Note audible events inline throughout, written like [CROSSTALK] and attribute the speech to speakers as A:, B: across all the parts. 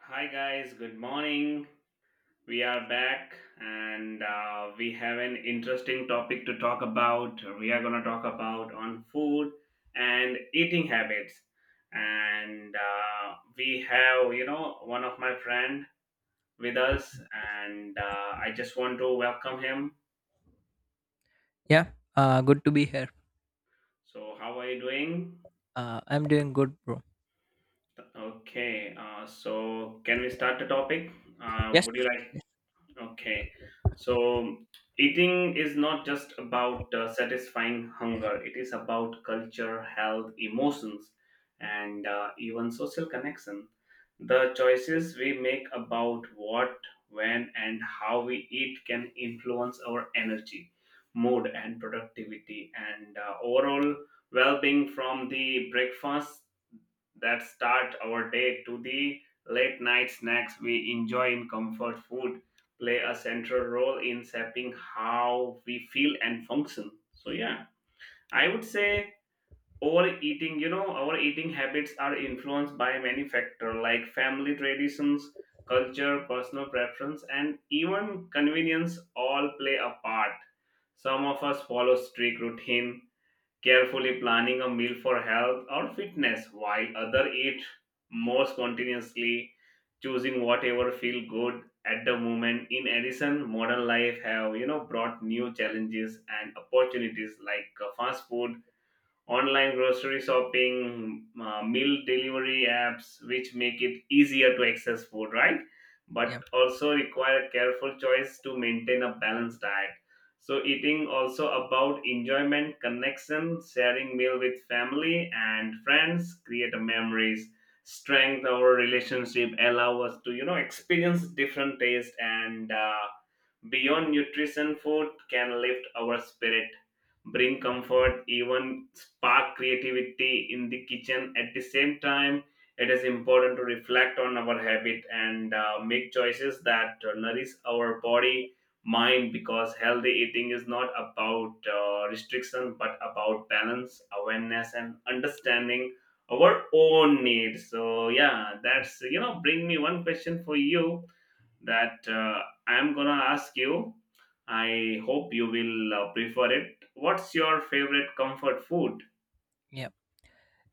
A: Hi, guys, good morning. We are back and we have an interesting topic to talk about. We are going to talk about on food and eating habits. And we have, one of my friend with us and I just want to welcome him.
B: Yeah, good to be here.
A: So, how are you doing?
B: I'm doing good, bro.
A: Okay, so can we start the topic? Uh,
B: Yes.
A: would you like Okay. So eating is not just about satisfying hunger, it is about culture, health, emotions, and even social connection. The choices we make about what, when, and how we eat can influence our energy, mood, and productivity, and overall well being, from the breakfast that start our day to the late night snacks we enjoy in comfort food, play a central role in shaping how we feel and function. So yeah, I would say overeating, our eating habits are influenced by many factors, like family traditions, culture, personal preference, and even convenience all play a part. Some of us follow strict routine, carefully planning a meal for health or fitness, while other eat more spontaneously, choosing whatever feel good at the moment. In addition, modern life have, brought new challenges and opportunities, like fast food, online grocery shopping, meal delivery apps, which make it easier to access food, right? But
B: Yeah,
A: also require careful choice to maintain a balanced diet. So eating also about enjoyment, connection, sharing meal with family and friends, create a memories, strength our relationship, allow us to, experience different taste and beyond nutrition. Food can lift our spirit, bring comfort, even spark creativity in the kitchen. At the same time, it is important to reflect on our habit and make choices that nourish our body, mind, because healthy eating is not about restriction but about balance, awareness, and understanding our own needs. So, yeah, that's, bring me one question for you that I'm gonna ask you. I hope you will prefer it. What's your favorite comfort food?
B: yeah.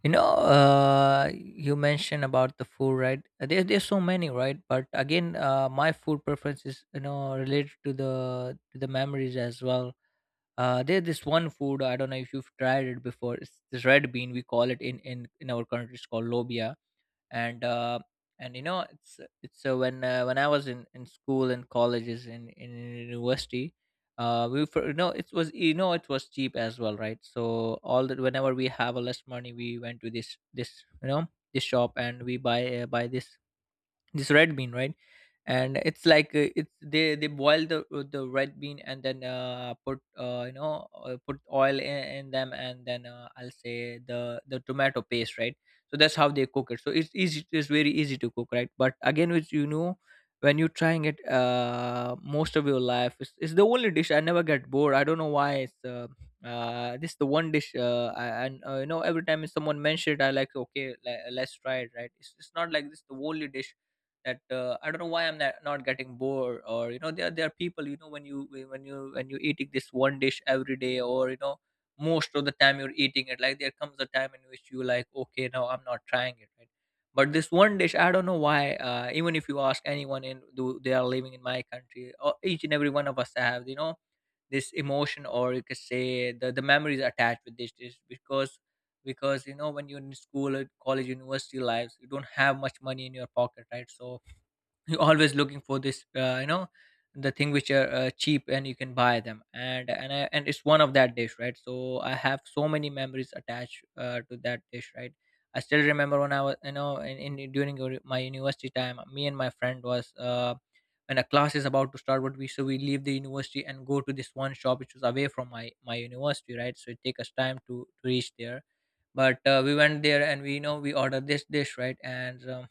B: You know, you mentioned about the food, right? There's so many, right? But again, my food preference is, you know, related to the memories as well. There's this one food. I don't know if you've tried it before. It's this red bean. We call it in our country. It's called lobia. And you know it's when I was in school and colleges in university, we, for, you know, it was, you know, it was cheap as well, right? So all that, whenever we have a less money, we went to this you know, this shop, and we buy buy this red bean, right? And it's like, it's, they boil the red bean, and then put you know put oil in them, and then, I'll say, the tomato paste, right? So that's how they cook it, so it's easy, it's very easy to cook, right? But again, which, you know, when you're trying it most of your life, it's the only dish I never get bored. I don't know why. It's This is the one dish I, and you know, every time someone mentions it, I like, okay, let's try it, right? It's not like this is the only dish that I don't know why I'm not getting bored. Or, you know, there are people, you know, when you, when you, when you eating this one dish every day, or you know, most of the time you're eating it, like, there comes a time in which you like, okay, now I'm not trying it, right? But this one dish, I don't know why. Even if you ask anyone in, do they are living in my country, or each and every one of us have, you know, this emotion, or you could say the memories attached with this dish. Because you know, when you're in school or college university lives, you don't have much money in your pocket, right? So you're always looking for this, you know, the thing which are cheap, and you can buy them. And and it's one of that dish, right? So I have so many memories attached, to that dish, right? I still remember when I was, you know, in during my university time, me and my friend was, when a class is about to start, what we, so we leave the university and go to this one shop which was away from my university, right? So it take us time to reach there, but we went there, and we, you know, we ordered this dish, right? And um,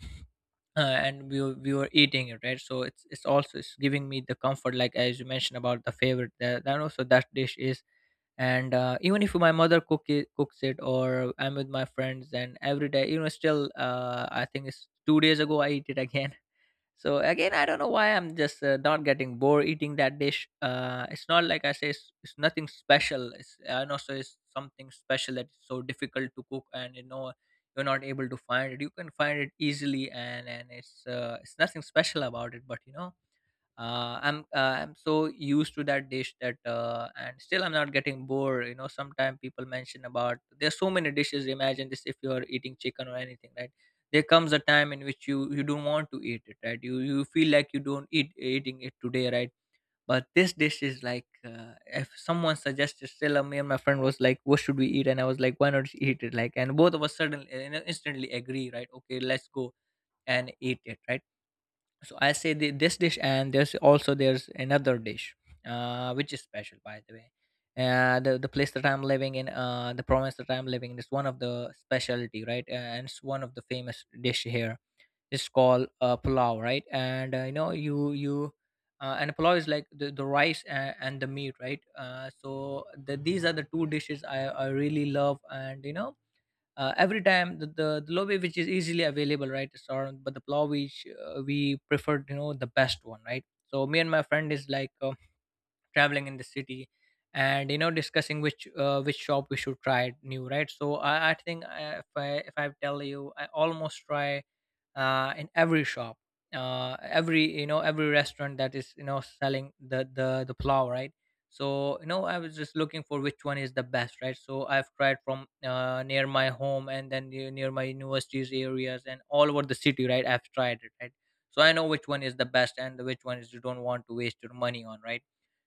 B: uh, and we were eating it, right? So it's also it's giving me the comfort, like, as you mentioned about the favorite, that also that dish is. And even if my mother cooks it, or I'm with my friends, and every day, you know, still, I think it's 2 days ago I eat it [LAUGHS] again. So again, I don't know why I'm just, not getting bored eating that dish. It's not like I say it's, nothing special. It's, I know, so it's something special, that's so difficult to cook, and you know, you're not able to find it. You can find it easily. And it's, it's nothing special about it, but you know, I'm so used to that dish that, and still I'm not getting bored. You know, sometimes people mention about there's so many dishes. Imagine this, if you're eating chicken or anything, right? There comes a time in which you don't want to eat it, right? You feel like you don't eating it today, right? But this dish is like, if someone suggested, still, me and my friend was like, what should we eat? And I was like, why not eat it? Like, and both of us suddenly, you know, instantly agree, right? Okay, let's go and eat it, right? So I say this dish. And there's also, there's another dish, which is special, by the way. The place that I'm living in, the province that I'm living in is one of the specialty, right? And it's one of the famous dish here. It's called, pulao, right? And you know, you and pulao is like the rice, and the meat, right? These are the two dishes I really love. And you know, every time, the lobe which is easily available, right? So, but the plow, which, we preferred, you know, the best one, right? So me and my friend is like, traveling in the city, and you know, discussing which, which shop we should try new, right? So I think if I, if I tell you, I almost try in every shop, every, you know, every restaurant that is, you know, selling the plow, right? So you know, I was just looking for which one is the best, right? So I've tried from, near my home, and then near my universities areas, and all over the city, right? I've tried it, right? So I know which one is the best, and which one is, you don't want to waste your money on, right?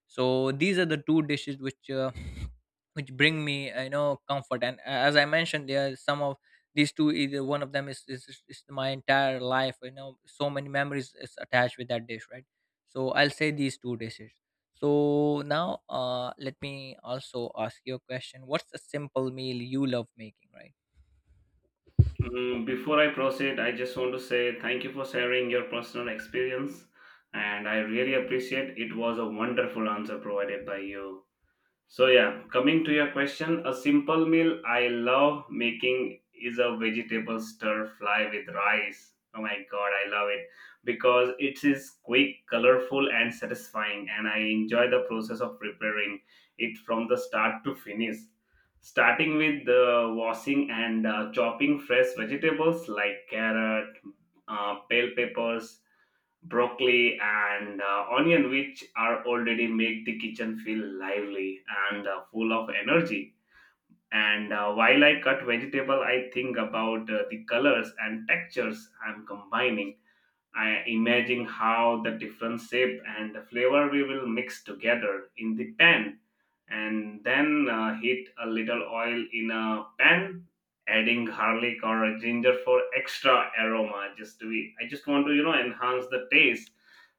B: So these are the two dishes which, [SNIFFS] which bring me, you know, comfort. And as I mentioned, there are some of these two, either one of them, is my entire life, you know. So many memories is attached with that dish, right? So I'll say these two dishes. So now, let me also ask you a question, what's a simple meal you love making, right?
A: Mm, before I proceed, I just want to say thank you for sharing your personal experience, and I really appreciate it. Was a wonderful answer provided by you. So yeah, coming to your question, a simple meal I love making is a vegetable stir fry with rice. Oh my god, I love it because it is quick, colorful and satisfying, and I enjoy the process of preparing it from the start to finish. Starting with the washing and chopping fresh vegetables like carrot, bell peppers, broccoli and onion, which are already make the kitchen feel lively and full of energy. And while I cut vegetable, I think about the colors and textures I'm combining. I imagine how the different shape and the flavor we will mix together in the pan, and then heat a little oil in a pan, adding garlic or ginger for extra aroma, just to be, I just want to, enhance the taste.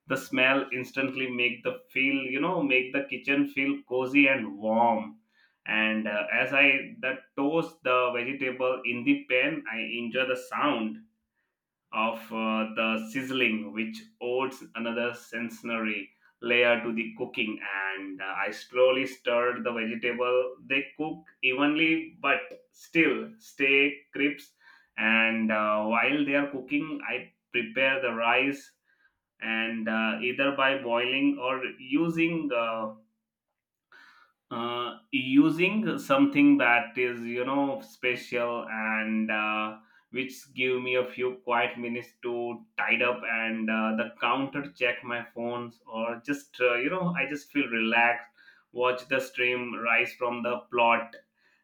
A: The smell instantly make the feel, make the kitchen feel cozy and warm. And as I that toast the vegetable in the pan, I enjoy the sound of the sizzling, which adds another sensory layer to the cooking. And I slowly stirred the vegetable. They cook evenly, but still stay crisp. And while they are cooking, I prepare the rice and either by boiling or using using something that is, special and which give me a few quiet minutes to tied up and the counter, check my phones, or just, I just feel relaxed, watch the stream rise from the plot.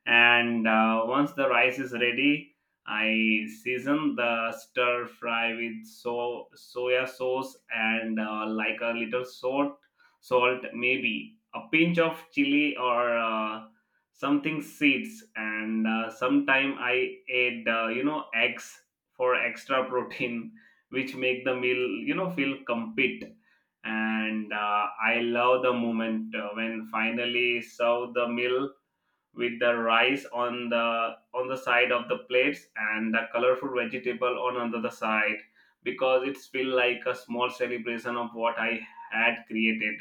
A: And once the rice is ready, I season the stir fry with so soya sauce and like a little salt, salt maybe, a pinch of chili or something seeds, and sometime I ate, eggs for extra [LAUGHS] protein, which make the meal, feel complete. And I love the moment when finally serve the meal with the rice on the side of the plates and the colorful vegetable on another side, because it's feel like a small celebration of what I had created.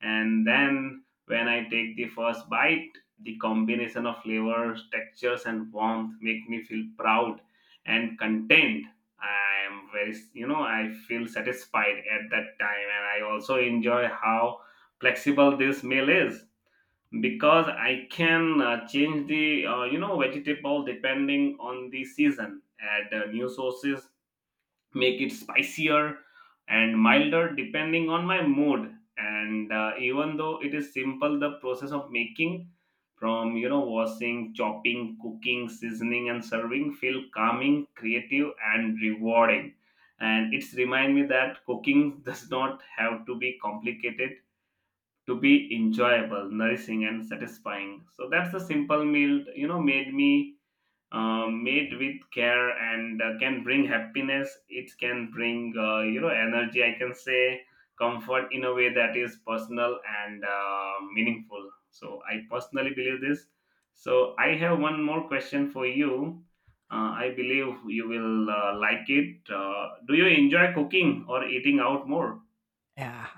A: And then when I take the first bite, the combination of flavors, textures, and warmth make me feel proud and content. I am very, I feel satisfied at that time, and I also enjoy how flexible this meal is, because I can change the, vegetable depending on the season. Add new sauces, make it spicier and milder depending on my mood. And even though it is simple, the process of making, from, washing, chopping, cooking, seasoning, and serving, feel calming, creative, and rewarding. And it's remind me that cooking [LAUGHS] does not have to be complicated to be enjoyable, nourishing, and satisfying. So that's the simple meal, made me made with care and can bring happiness. It can bring, energy. I can say comfort in a way that is personal and meaningful. So I personally believe this. So I have one more question for you. I believe you will like it. Do you enjoy cooking or eating out more?
B: Yeah.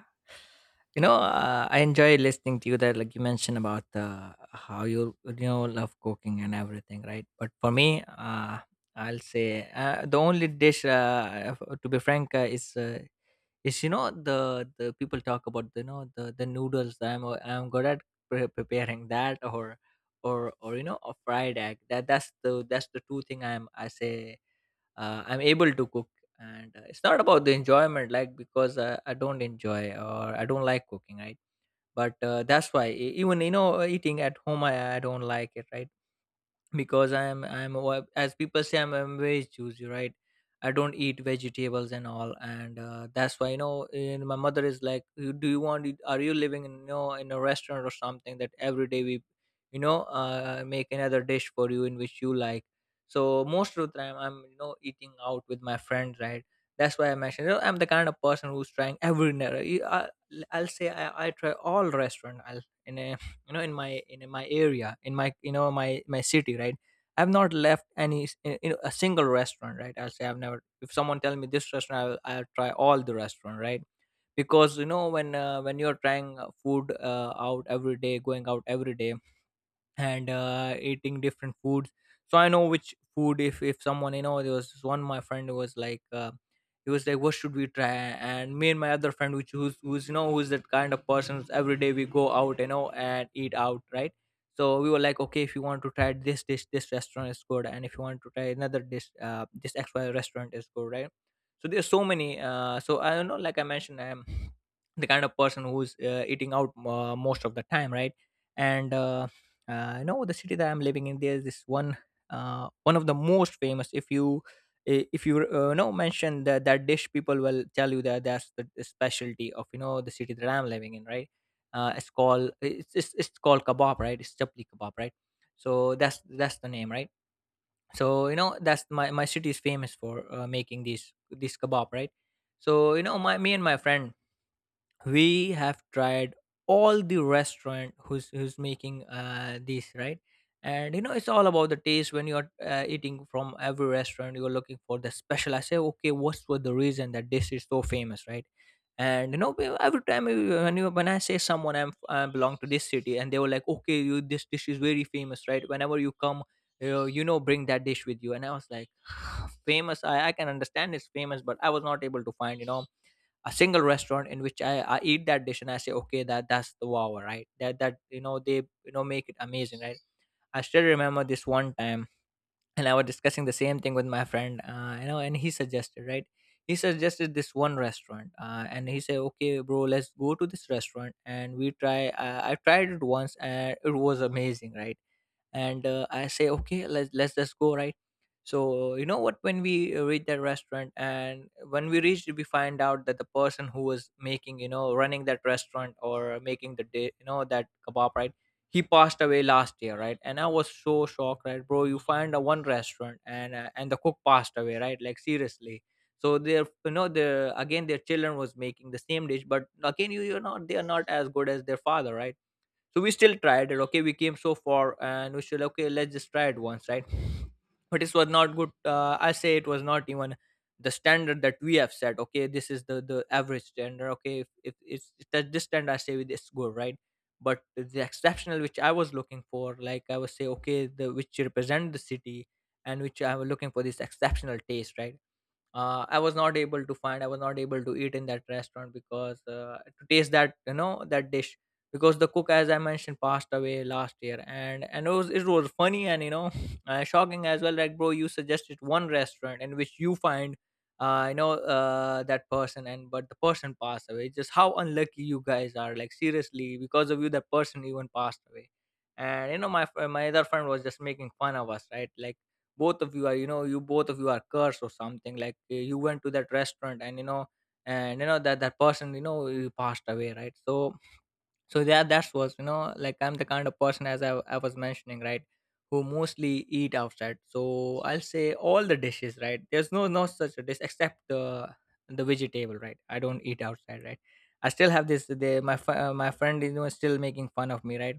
B: You know, I enjoy listening to you, that, like you mentioned about, how you, you know, love cooking and everything, right? But for me, I'll say, the only dish, to be frank, is yes, you know, the people talk about, you know, the noodles. I'm good at preparing that, or or you know, a fried egg. That's the that's the two thing I say, I'm able to cook. And it's not about the enjoyment, like, because I don't enjoy, or I don't like cooking, right? But that's why, even you know, eating at home, I don't like it, right? Because I am, I am as people say, I'm very choosy, right? I don't eat vegetables and all. And that's why, you know, and my mother is like, Do you want it? Are you living in, you know, in a restaurant or something, that every day we, you know, make another dish for you in which you like?" So most of the time, I'm, you know, eating out with my friends, right? That's why I mentioned, you know, I'm the kind of person who's trying every, I, I'll say I try all restaurant I'll, in a, you know, in my, in my area, in my, you know, my city, right? I've not left any you know, a single restaurant, right? I'll say, I've never, if someone tell me this restaurant, I'll try all the restaurant, right? Because you know, when, when you're trying, food, out every day, going out every day, and eating different foods. So I know which food. If someone, you know, there was this one, my friend, who was like, he was like, what should we try? And me and my other friend, which, who's you know, who's that kind of person, who's, every day we go out, you know, and eat out, right? So we were like, okay, if you want to try this dish, this restaurant is good. And if you want to try another dish, this XY restaurant is good, right? So there's so many. So I don't know, like I mentioned, I'm the kind of person who's, eating out, most of the time, right? And No, the city that I'm living in, there's this one, one of the most famous. If you, if you, know, mention that that dish, people will tell you that that's the specialty of, you know, the city that I'm living in, right? It's called, it's called kebab, right? It's chapli kebab, right? So that's the name, right? So you know that's my city is famous for making these this kebab, right? So you know my me and my friend we have tried all the restaurant who's making this, right? And you know it's all about the taste. When you're eating from every restaurant, you're looking for the special. I say, okay, what's for the reason that this is so famous, right? And you know when you when I say someone I'm, I belong to this city, and they were like, okay, you, this dish is very famous, right? Whenever you come, you know, bring that dish with you. And I was like, [SIGHS] famous, I can understand it's famous, but I was not able to find, you know, a single restaurant in which I eat that dish and I say, okay, that's the wow, right? That, you know, they, you know, make it amazing, right? I still remember this one time, and I was discussing the same thing with my friend, and he suggested, right? He suggested this one restaurant, and he said, okay, bro, let's go to this restaurant and we try. I tried it once and it was amazing, right? And I say, okay, let's just go, right? So you know what, when we reach that restaurant, and when we reached, we find out that the person who was making, you know, running that restaurant, or making the day, you know, that kebab, right, he passed away last year, right? And I was so shocked, right? Bro, you find a one restaurant and the cook passed away, right? Like seriously. So they're, you know, they're again, their children was making the same dish, but again, you you're not they are not as good as their father, right? So we still tried it. Okay, we came so far and we still, okay, let's just try it once, right? But it was not good. Uh, I say it was not even the standard that we have set. Okay, this is the average standard. Okay, if it's, if that this standard, I say, with this, good, right? But the exceptional which I was looking for, like I was say, okay, the which represent the city, and which I was looking for this exceptional taste, right? Uh, I was not able to find, I was not able to eat in that restaurant because to taste that, you know, that dish, because the cook, as I mentioned, passed away last year. And it was, it was funny and you know, [LAUGHS] shocking as well, like bro, you suggested one restaurant in which you find that person, and but the person passed away. Just how unlucky you guys are, like seriously, because of you that person even passed away. And you know, my other friend was just making fun of us, right? Like both of you are, you know, you both of you are cursed or something. Like you went to that restaurant, and you know, and you know that person, you know, you passed away, right? So, so that was, you know, like I'm the kind of person, as I was mentioning, right, who mostly eat outside. So I'll say all the dishes, right? There's no such a dish except the vegetable, right? I don't eat outside, right? I still have this. They, my friend is, you know, is still making fun of me, right?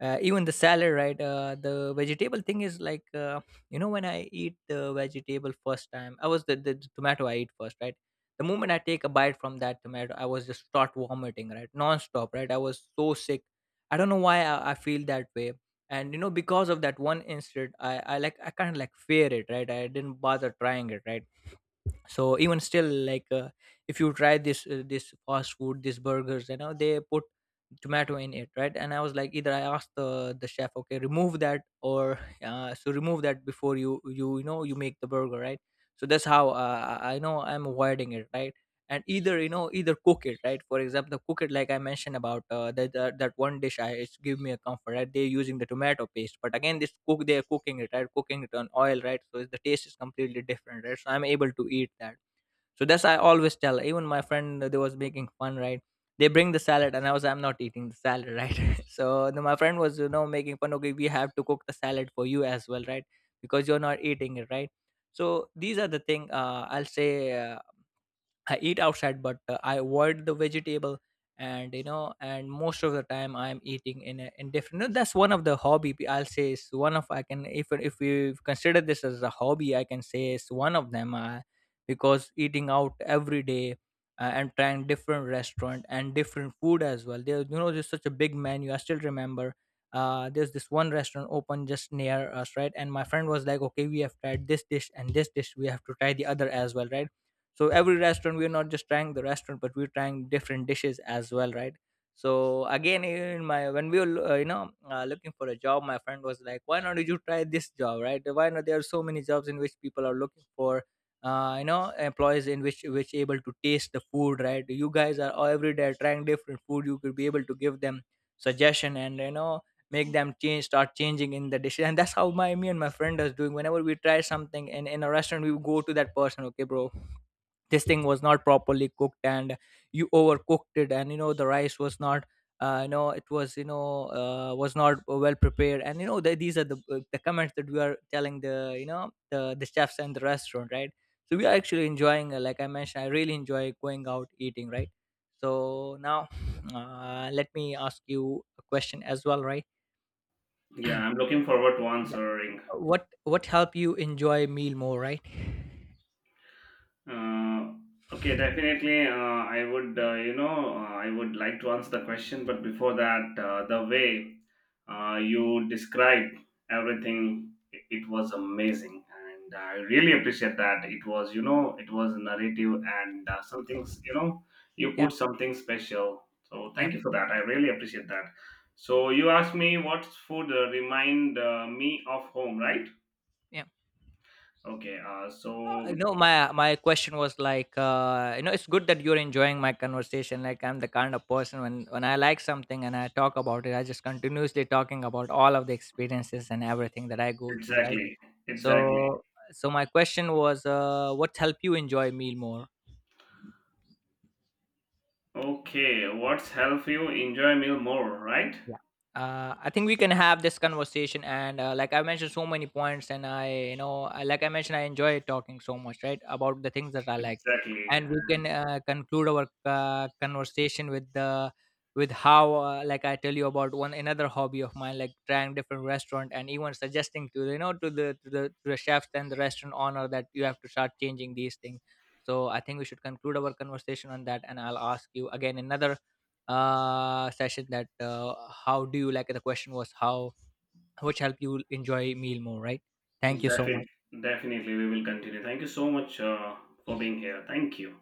B: Uh, even the salad, right? Uh, the vegetable thing is like, you know, when I eat the vegetable first time, I was the tomato I eat first, right? The moment I take a bite from that tomato, I was just start vomiting, right, non-stop, right? I was so sick. I don't know why I feel that way. And you know, because of that one incident, I like, I kind of like fear it, right? I didn't bother trying it, right? So even still, like if you try this this fast food, these burgers, you know, they put tomato in it, right? And I was like, either I asked the chef, okay, remove that, or [LAUGHS] so remove that before you know you make the burger, right? So that's how I know I'm avoiding it, right? And either, you know, either cook it, right? For example, the cook it, like I mentioned about that one dish, I, it's give me a comfort, right? They're using the tomato paste, but again, this cook, they're cooking it, right, cooking it on oil, right? So the taste is completely different, right? So I'm able to eat that. So that's, I always tell even my friend, they was making fun, right? They bring the salad and I'm not eating the salad, right? [LAUGHS] So then my friend was, you know, making fun, okay, we have to cook the salad for you as well, right? Because you're not eating it, right? So these are the thing, I'll say. Uh, I eat outside, but I avoid the vegetable, and you know, and most of the time I'm eating in a, in different. No, that's one of the hobby. I'll say is one of, I can, if we consider this as a hobby, I can say it's one of them. Because eating out every day and trying different restaurant and different food as well. There, you know, there's such a big menu. I still remember. There's this one restaurant open just near us, right? And my friend was like, "Okay, we have tried this dish and this dish. We have to try the other as well, right?" So every restaurant, we're not just trying the restaurant, but we're trying different dishes as well, right? So again, in my when we were looking for a job, my friend was like, why not you try this job, right? Why not? There are so many jobs in which people are looking for employees in which able to taste the food, right? You guys are every day trying different food. You could be able to give them suggestion, and you know, make them change start changing in the dishes. And that's how my me and my friend is doing. Whenever we try something in a restaurant, we go to that person, okay, bro, this thing was not properly cooked, and you overcooked it, and you know, the rice was not, you know it was you know was not well prepared, and you know, the, these are the comments that we are telling the, you know, the chefs and the restaurant, right? So we are actually enjoying, like I mentioned, I really enjoy going out eating, right? So now, let me ask you a question as well, right?
A: Yeah, I'm looking forward to
B: Yeah,
A: answering.
B: what help you enjoy meal more, right?
A: Uh, okay, definitely. I would, I would like to answer the question, but before that, the way you described everything, it was amazing, and I really appreciate that. It was, it was narrative and something, you
B: Yeah,
A: put something special. So
B: yeah,
A: thank you for that. I really appreciate that.
B: yeah,
A: So you asked me what food remind me of home, right?
B: yeah.
A: Okay. So
B: No, my question was like, you know, it's good that you're enjoying my conversation. Like, I'm the kind of person, when I like something and I talk about it, I just continuously talking about all of the experiences and everything that I go through, right?
A: exactly, exactly.
B: So, so my question was, what helped you enjoy meal more?
A: Okay, what's help you enjoy meal more, right?
B: Yeah. I think we can have this conversation, and like I mentioned, so many points, and I, you know, I, like I mentioned, I enjoy talking so much, right, about the things that I like,
A: Exactly.
B: and we can conclude our conversation with the, with how, like I tell you about one another hobby of mine, like trying different restaurant, and even suggesting to, you know, to the chefs and the restaurant owner that you have to start changing these things. So I think we should conclude our conversation on that, and I'll ask you again another session that how do you like it? The question was how, which help you enjoy meal more, right? Thank you so
A: Definitely,
B: much.
A: definitely, we will continue. Thank you so much for being here. Thank you.